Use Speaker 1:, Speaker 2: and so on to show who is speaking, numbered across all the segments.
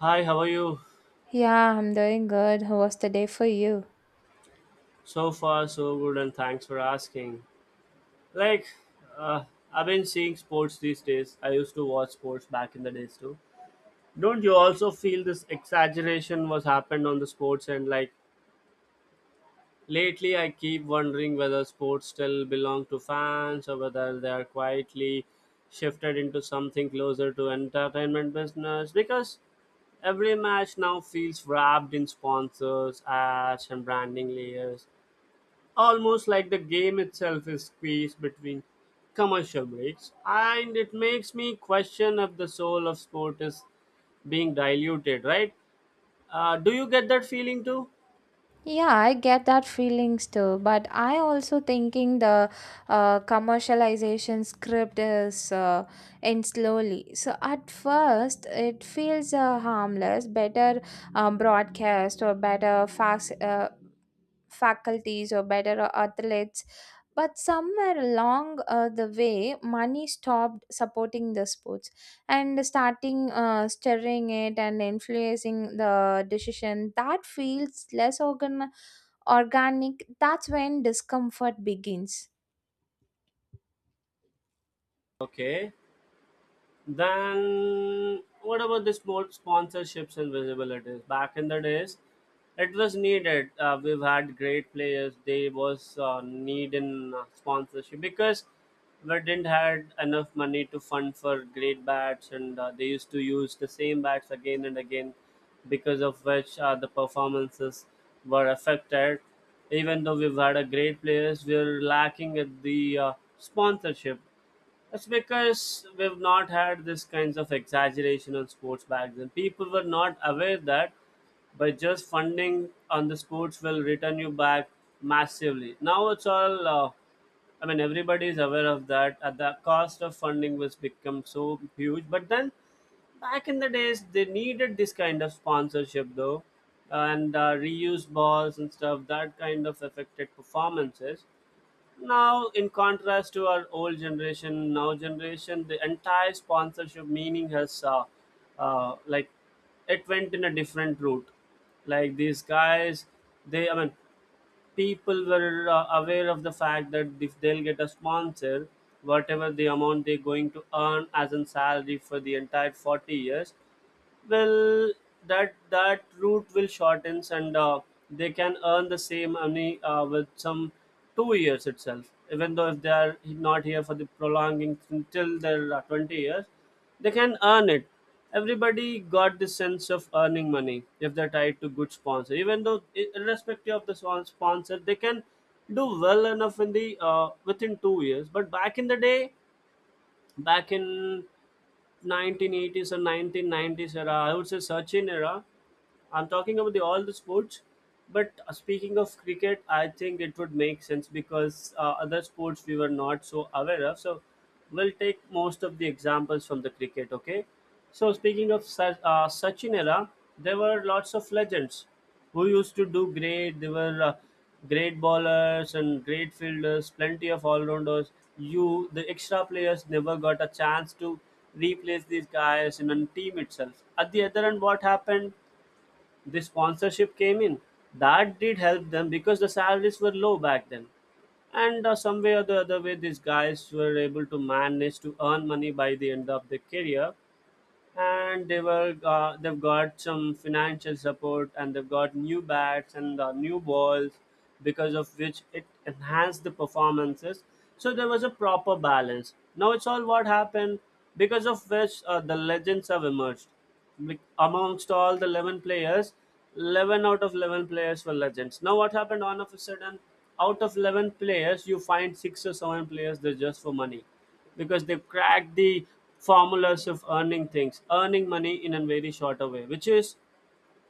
Speaker 1: Hi, how are you?
Speaker 2: Yeah, I'm doing good. How was the day for you?
Speaker 1: So far, so good, and thanks for asking. Like, uh, I've been seeing sports these days. I used to watch sports back in the days too. Don't you also feel this exaggeration was happened on the sports and like lately I keep wondering whether sports still belong to fans or whether they are quietly shifted into something closer to entertainment business because every match now feels wrapped in sponsors, ads and branding layers almost like the game itself is squeezed between commercial breaks, and it makes me question if the soul of sport is being diluted, right? Do you get that feeling too?
Speaker 2: Yeah, I get that feelings too, but I also thinking the commercialization script is in slowly. So at first, it feels harmless, better broadcast or better faculties or better athletes. But somewhere along the way, money stopped supporting the sports and starting stirring it and influencing the decision. That feels less organic. That's when discomfort begins.
Speaker 1: Okay. Then, what about the small sponsorships and visibilities? Back in the days, it was needed. We've had great players. They was need in sponsorship because we didn't had enough money to fund for great bats, and they used to use the same bats again and again, because of which the performances were affected. Even though we've had a great players, we're lacking at the sponsorship. That's because we've not had this kinds of exaggeration on sports back then. People were not aware that by just funding on the sports will return you back massively. Now it's all, I mean, everybody is aware of that. At the cost of funding was become so huge. But then back in the days, they needed this kind of sponsorship though, and reuse balls and stuff. That kind of affected performances now in contrast to our old generation, now generation, the entire sponsorship meaning has like, it went in a different route, like these guys, they, I mean, people were aware of the fact that if they'll get a sponsor, whatever the amount they're going to earn as a salary for the entire 40 years, well, that route will shortens, and they can earn the same money with some 2 years itself. Even though if they are not here for the prolonging until their 20 years, they can earn it. Everybody got the sense of earning money if they're tied to good sponsor. Even though, irrespective of the sponsor, they can do well enough in the within 2 years. But back in the day, back in 1980s or 1990s era, I would say Sachin era. I'm talking about the, all the sports, but speaking of cricket, I think it would make sense because other sports we were not so aware of. So we'll take most of the examples from the cricket. Okay. So speaking of Sachin era, there were lots of legends who used to do great. They were great bowlers and great fielders, plenty of all rounders. You, the extra players, never got a chance to replace these guys in a team itself. At the other end, what happened? The sponsorship came in. That did help them because the salaries were low back then. And some way or the other way, these guys were able to manage to earn money by the end of their career, and they've got some financial support, and they've got new bats and new balls, because of which it enhanced the performances. So there was a proper balance. Now it's all what happened because of which the legends have emerged. Like, amongst all the 11 players, 11 out of 11 players were legends. Now what happened all of a sudden, out of 11 players you find six or seven players, they're just for money because they cracked the formulas of earning things, earning money in a very shorter way, which is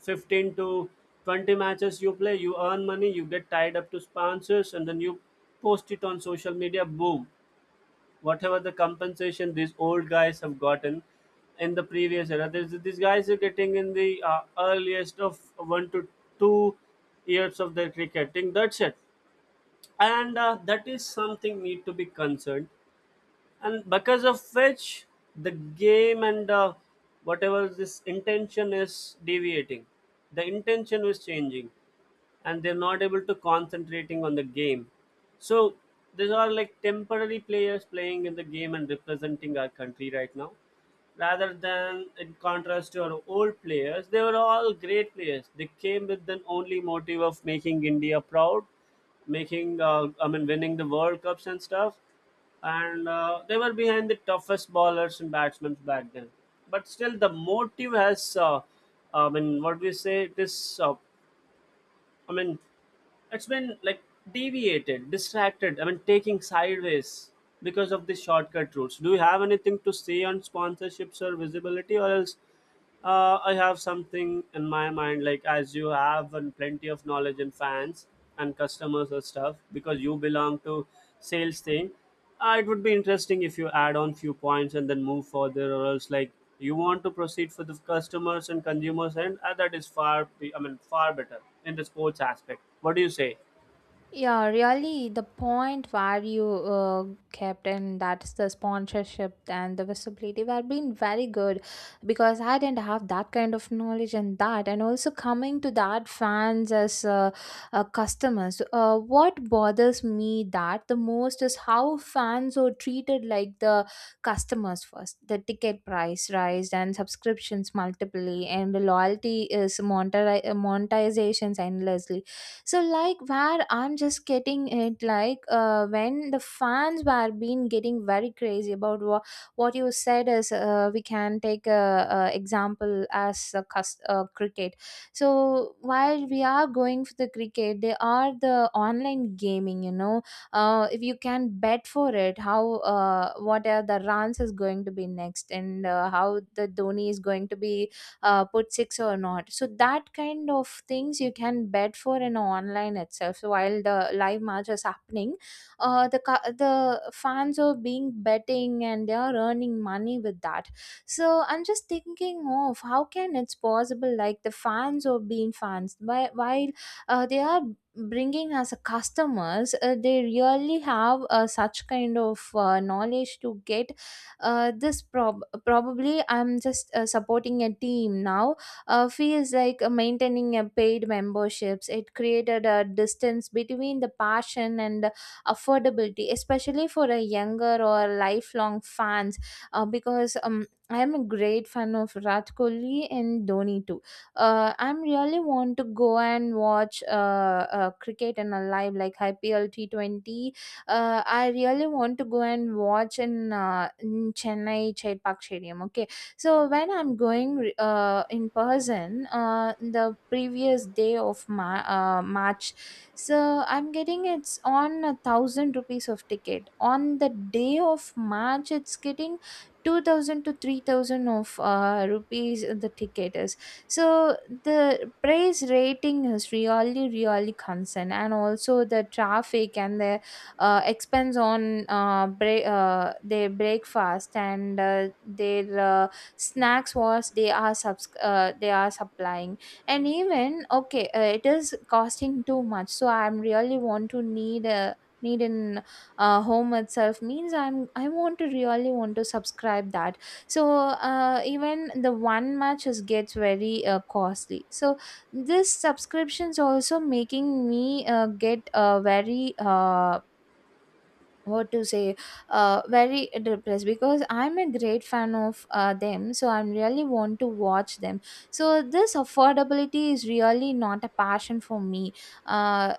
Speaker 1: 15 to 20 matches you play, you earn money, you get tied up to sponsors and then you post it on social media, boom. Whatever the compensation these old guys have gotten in the previous era, there's, these guys are getting in the earliest of 1 to 2 years of their cricketing. That's it, and that is something need to be concerned, and because of which the game and whatever this intention is deviating, the intention is changing, and they're not able to concentrating on the game. So these are like temporary players playing in the game and representing our country right now, rather than in contrast to our old players, they were all great players. They came with the only motive of making India proud, making I mean winning the World Cups and stuff, and they were behind the toughest bowlers and batsmen back then. But still, the motive has I mean, what do you say? It is I mean, it's been like deviated, distracted. I mean, taking sideways because of the shortcut routes. Do you have anything to say on sponsorships or visibility, or else I have something in my mind? Like as you have and plenty of knowledge and fans and customers and stuff because you belong to sales thing, it would be interesting if you add on few points and then move further, or else like you want to proceed for the customers and consumers, and that is I mean, far better in the sports aspect. What do you say?
Speaker 2: Yeah, really, the point where you kept, and that's the sponsorship and the visibility were being very good because I didn't have that kind of knowledge and that, and also coming to that fans as customers. What bothers me that the most is how fans are treated like the customers first. The ticket price rise and subscriptions multiply, and the loyalty is monetizations endlessly. So like where I'm just getting it like when the fans were been getting very crazy about what you said is, we can take a example as a cricket. So while we are going for the cricket, they are the online gaming, you know. If you can bet for it, how what are the runs is going to be next and how the Dhoni is going to be put six or not. So that kind of things you can bet for in online itself. So while the live match is happening, the the fans are being betting and they are earning money with that. So I'm just thinking of how can it's possible, like the fans are being fans while they are bringing as a customers. They really have such kind of knowledge to get this probably I'm just supporting a team now. Feels like maintaining a paid memberships. It created a distance between the passion and the affordability, especially for a younger or lifelong fans, because I'm a great fan of Virat Kohli and Dhoni too. I'm really want to go and watch cricket in a live like IPL T20. I really want to go and watch in Chennai Chait Park Stadium. Okay, so when I'm going in person, the previous day of March, so I'm getting it's on 1,000 rupees of ticket. On the day of March, it's getting 2,000 to 3,000 of rupees. The ticket is, so the price rating is really really concerned, and also the traffic and the expense on their breakfast and their snacks was they are they are supplying. And even okay, it is costing too much, so I'm really want to need a need in home itself, means I want to really want to subscribe that. So even the one match is gets very costly. So this subscriptions also making me get very what to say very depressed, because I'm a great fan of them, so I really want to watch them. So this affordability is really not a passion for me. Uh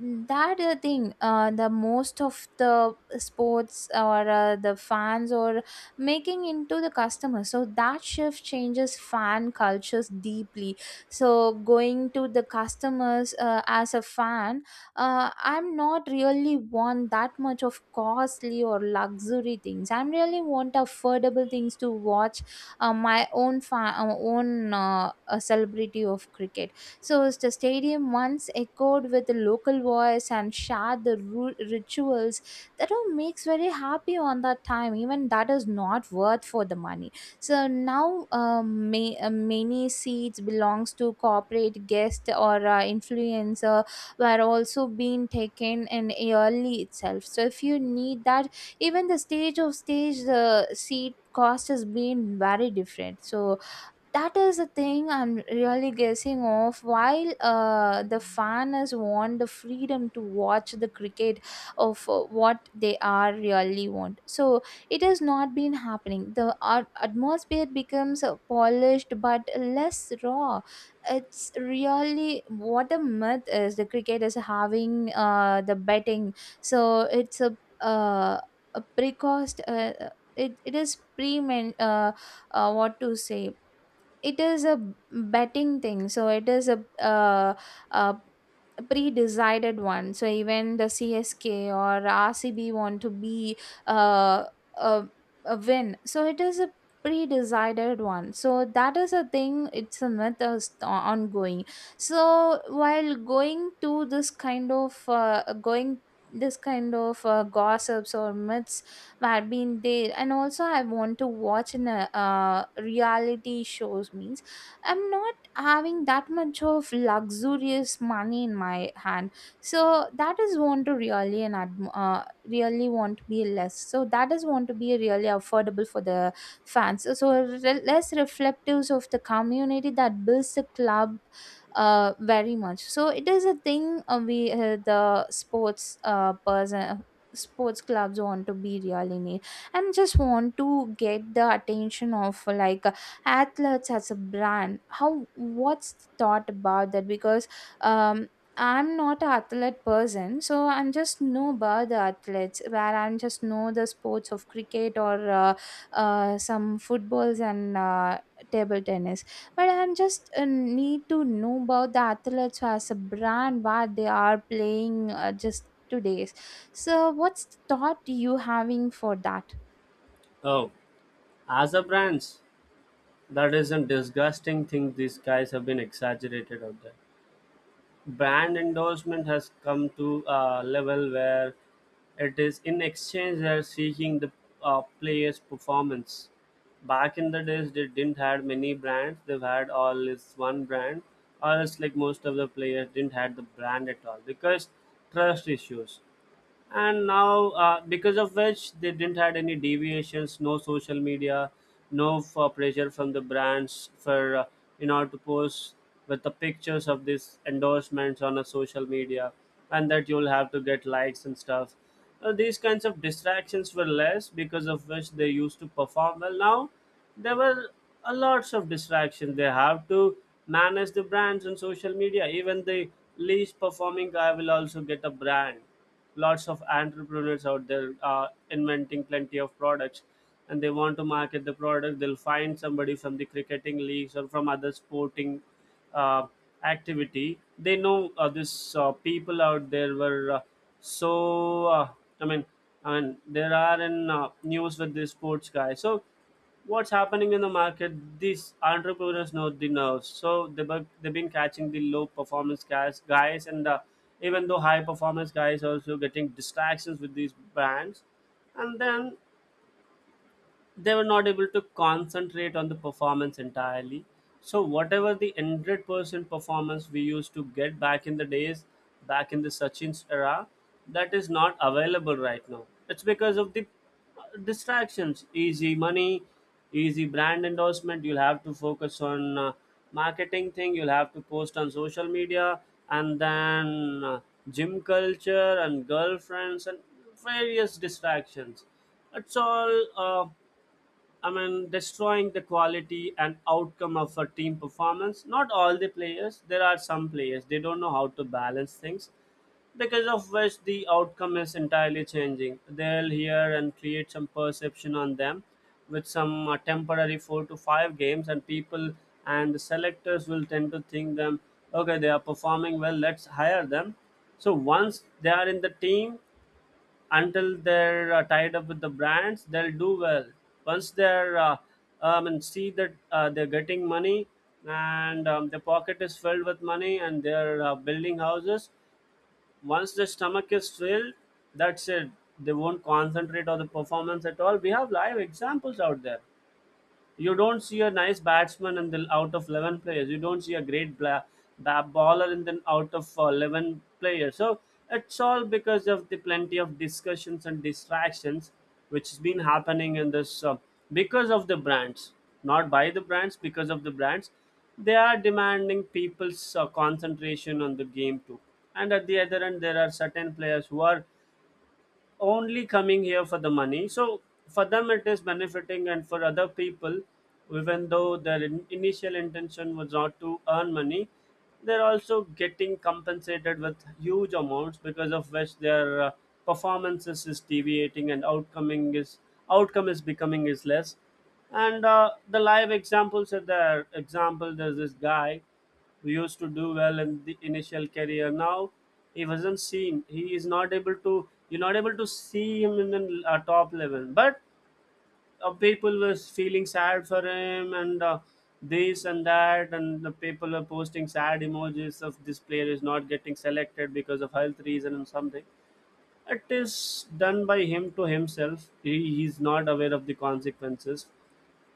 Speaker 2: that Thing the most of the sports or the fans or making into the customer, so that shift changes fan cultures deeply. So going to the customers as a fan, I'm not really want that much of costly or luxury things. I'm really want affordable things to watch my own own celebrity of cricket. So as the stadium once echoed with the local voice and shared the rituals, that all makes very happy on that time, even that is not worth for the money. So now many seats belongs to corporate guest or influencer were also being taken in early itself. So if you need that, even the stage of stage the seat cost has been very different. So that is the thing I'm really guessing of. While the fan has want the freedom to watch the cricket of what they are really want, so it has not been happening. The atmosphere becomes polished but less raw. It's really what a myth is: the cricket is having the betting. So it's a precost it is pre uh, what to say it is a betting thing. So it is a uh, pre-decided one. So even the CSK or RCB want to be uh, a, a win, so it is a pre-decided one. So that is a thing, it's a myth is ongoing. So while going to this kind of going this kind of gossips or myths have been there, and also I want to watch in a reality shows, means I'm not having that much of luxurious money in my hand. So that is want to really and really want to be less. So that is want to be really affordable for the fans. So less reflectives of the community that builds the club very much. So it is a thing we the sports person sports clubs want to be really need, and just want to get the attention of like athletes as a brand. How, what's the thought about that? Because um I'm not an athlete person, so I'm just know about the athletes where I'm just know the sports of cricket or some footballs and table tennis. But I'm just need to know about the athletes as a brand what they are playing, just today's. So, what's the thought you having for that?
Speaker 1: Oh, as a brands, that is a disgusting thing. These guys have been exaggerated out there. Brand endorsement has come to a level where it is in exchange they're seeking the player's performance. Back in the days, they didn't had many brands. They've had all this one brand, or else like most of the players didn't had the brand at all because trust issues. And now because of which they didn't had any deviations, no social media, no for pressure from the brands for in order to post with the pictures of these endorsements on a social media, and that you'll have to get likes and stuff. These kinds of distractions were less because of which they used to perform well. Now there were a lots of distraction. They have to manage the brands on social media. Even the least performing guy will also get a brand. Lots of entrepreneurs out there inventing plenty of products, and they want to market the product. They'll find somebody from the cricketing leagues or from other sporting uh, activity. They know this people out there were so i mean I mean there are in news with the sports guy. So what's happening in the market, these entrepreneurs know the nerves. So they've been catching the low performance guys, and even though high performance guys also getting distractions with these brands, and then they were not able to concentrate on the performance entirely. So whatever the 100% performance we used to get back in the days, back in the Sachin's era, that is not available right now. It's because of the distractions, easy money, easy brand endorsement. You'll have to focus on marketing thing. You'll have to post on social media, and then gym culture and girlfriends and various distractions. It's all. I mean, destroying the quality and outcome of a team performance. Not all the players, there are some players, they don't know how to balance things because of which the outcome is entirely changing. They'll hear and create some perception on them with some temporary 4 to 5 games, and people and the selectors will tend to think them, okay, they are performing well, let's hire them. So once they are in the team, until they're tied up with the brands, they'll do well. Once they're and see that they're getting money and their pocket is filled with money and they're building houses, once the stomach is filled, that's it. They won't concentrate on the performance at all. We have live examples out there. You don't see a nice batsman in the out of 11 players. You don't see a great baller in the out of 11 players. So it's all because of the plenty of discussions and distractions which has been happening in this, because of the brands, not by the brands, because of the brands. They are demanding people's concentration on the game too. And at the other end, there are certain players who are only coming here for the money. So for them, it is benefiting, and for other people, even though their initial intention was not to earn money, they're also getting compensated with huge amounts because of which their performances is deviating and outcoming is outcome is becoming is less. And the live examples are there. Example, there's this guy who used to do well in the initial career. Now he wasn't seen. He is not able to. You're not able to see him in the top level. But people were feeling sad for him and this and that, and the people are posting sad emojis of this player is not getting selected because of health reason and something. It is done by him to himself. He's not aware of the consequences.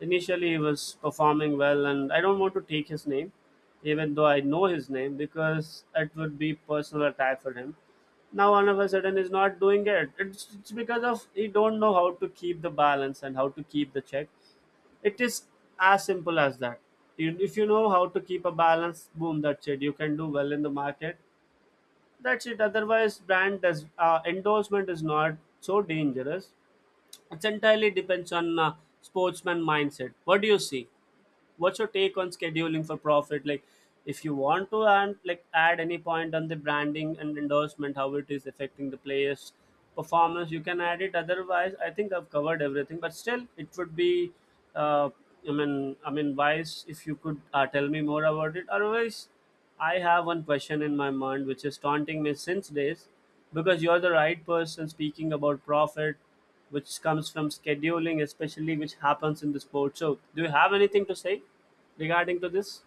Speaker 1: Initially, he was performing well, and I don't want to take his name, even though I know his name, because it would be personal attack for him. Now, all of a sudden, he's not doing it. It's because of he don't know how to keep the balance and how to keep the check. It is as simple as that. If you know how to keep a balance, boom, that's it. You can do well in the market. That's it. Otherwise, brand does endorsement is not so dangerous. It's entirely depends on sportsman mindset. What do you see? What's your take on scheduling for profit? Like if you want to and like add any point on the branding and endorsement how it is affecting the players performance, you can add it, otherwise I think I've covered everything. But still it would be uh, I mean wise if you could tell me more about it. Otherwise I have one question in my mind which is taunting me since days, because you're the right person speaking about profit which comes from scheduling, especially which happens in the sport. So, do you have anything to say regarding to this?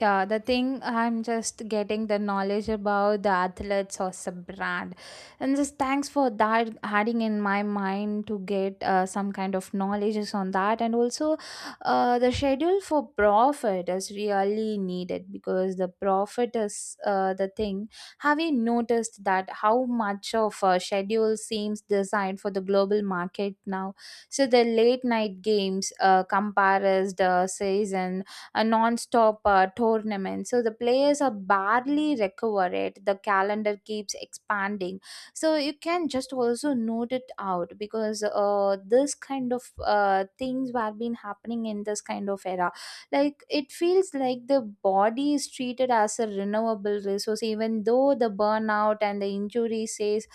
Speaker 2: Yeah, the thing I'm just getting the knowledge about the athletes or sub brand, and just thanks for that adding in my mind to get some kind of knowledges on that. And also the schedule for profit is really needed, because the profit is the thing. Have you noticed that how much of a schedule seems designed for the global market now? So the late night games, compares the season, a non-stop tournament, so the players are barely recovered, the calendar keeps expanding. So you can just also note it out, because this kind of things were been happening in this kind of era. Like, it feels like the body is treated as a renewable resource, even though the burnout and the injury says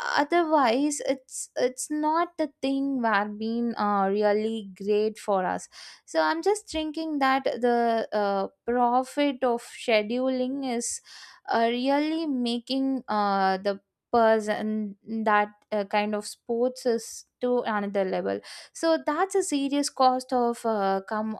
Speaker 2: otherwise. It's not the thing that been really great for us. So I'm just thinking that the profit of scheduling is really making the person that kind of sports is to another level. So that's a serious cost of come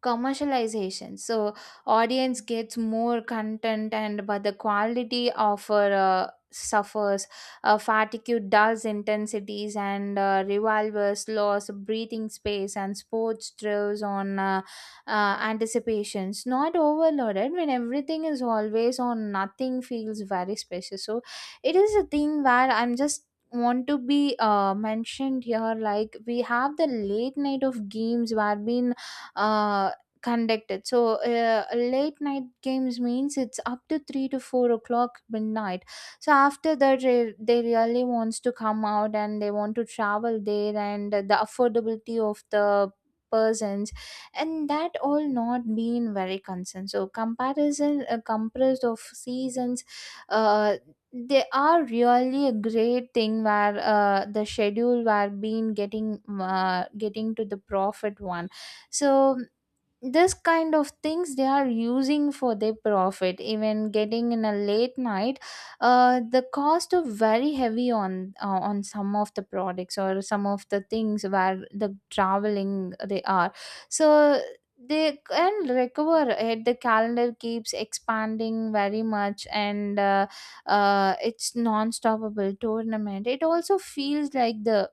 Speaker 2: commercialization. So audience gets more content and but the quality offer suffers. Fatigue dulls intensities and revolvers loss breathing space, and sports throws on anticipations not overloaded. When everything is always on, nothing feels very special. So it is a thing where I'm just want to be mentioned here, like we have the late night of games where been uh, conducted. So late night games means it's up to 3 to 4 o'clock midnight. So after that, they really wants to come out, and they want to travel there, and the affordability of the persons and that all not being very concerned. So comparison compressed of seasons, uh, they are really a great thing where the schedule were being getting to the profit one. So this kind of things they are using for their profit, even getting in a late night, the cost of very heavy on some of the products or some of the things where the traveling they are, so they can recover it. The calendar keeps expanding very much, and it's non-stoppable tournament. It also feels like the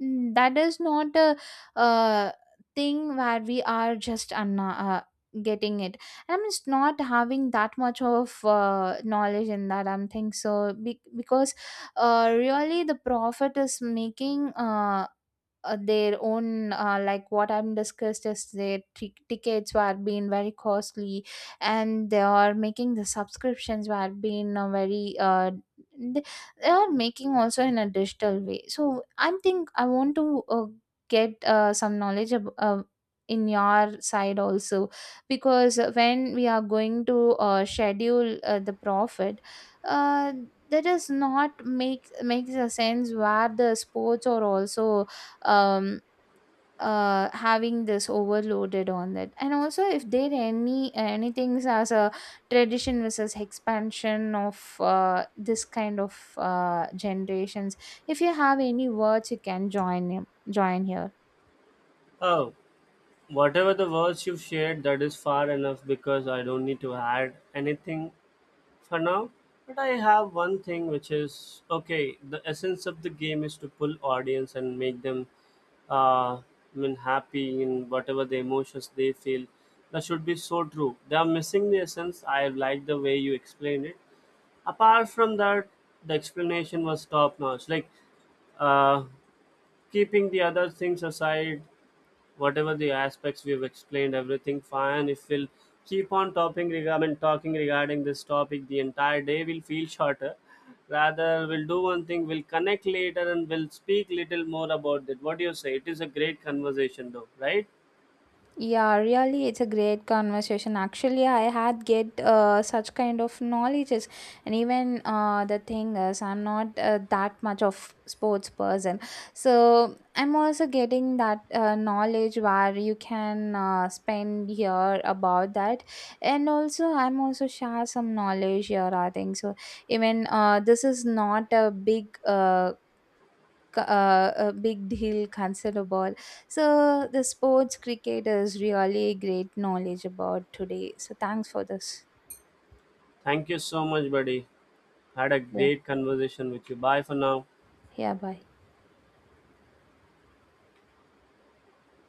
Speaker 2: That is not a uh, thing where we are just getting it. I'm just not having that much of knowledge in that, I'm think so because really the prophet is making their own like what I'm discussed is their tickets were being very costly, and they are making the subscriptions were being very th- they are making also in a digital way. So I think I want to get some knowledge in your side also, because when we are going to schedule the profit, uh, that does not makes a sense, where the sports are also um having this overloaded on that. And also if there any anything as a tradition versus expansion of this kind of generations, if you have any words you can join here.
Speaker 1: Oh, whatever the words you've shared, that is far enough because I don't need to add anything for now. But I have one thing which is okay, the essence of the game is to pull audience and make them, I mean, happy in whatever the emotions they feel. That should be so true. They are missing the essence. I like the way you explained it. Apart from that, the explanation was top notch. Like uh, keeping the other things aside, whatever the aspects we've explained everything fine. If we'll keep on topping regarding talking regarding this topic, the entire day will feel shorter. Rather we'll do one thing, we'll connect later and we'll speak little more about it. What do you say? It is a great conversation though, right?
Speaker 2: Yeah, really, it's a great conversation. Actually, I had get such kind of knowledges, and even the thing is, I'm not that much of sports person, so I'm also getting that knowledge where you can spend here about that, and also I'm also share some knowledge here. I think so. Even this is not a big a big deal considerable. So the sports cricket is really great knowledge about today, so thanks for this.
Speaker 1: Thank you so much, buddy. Had a
Speaker 2: Yeah.
Speaker 1: great conversation with you. Bye for now.
Speaker 2: Yeah, bye.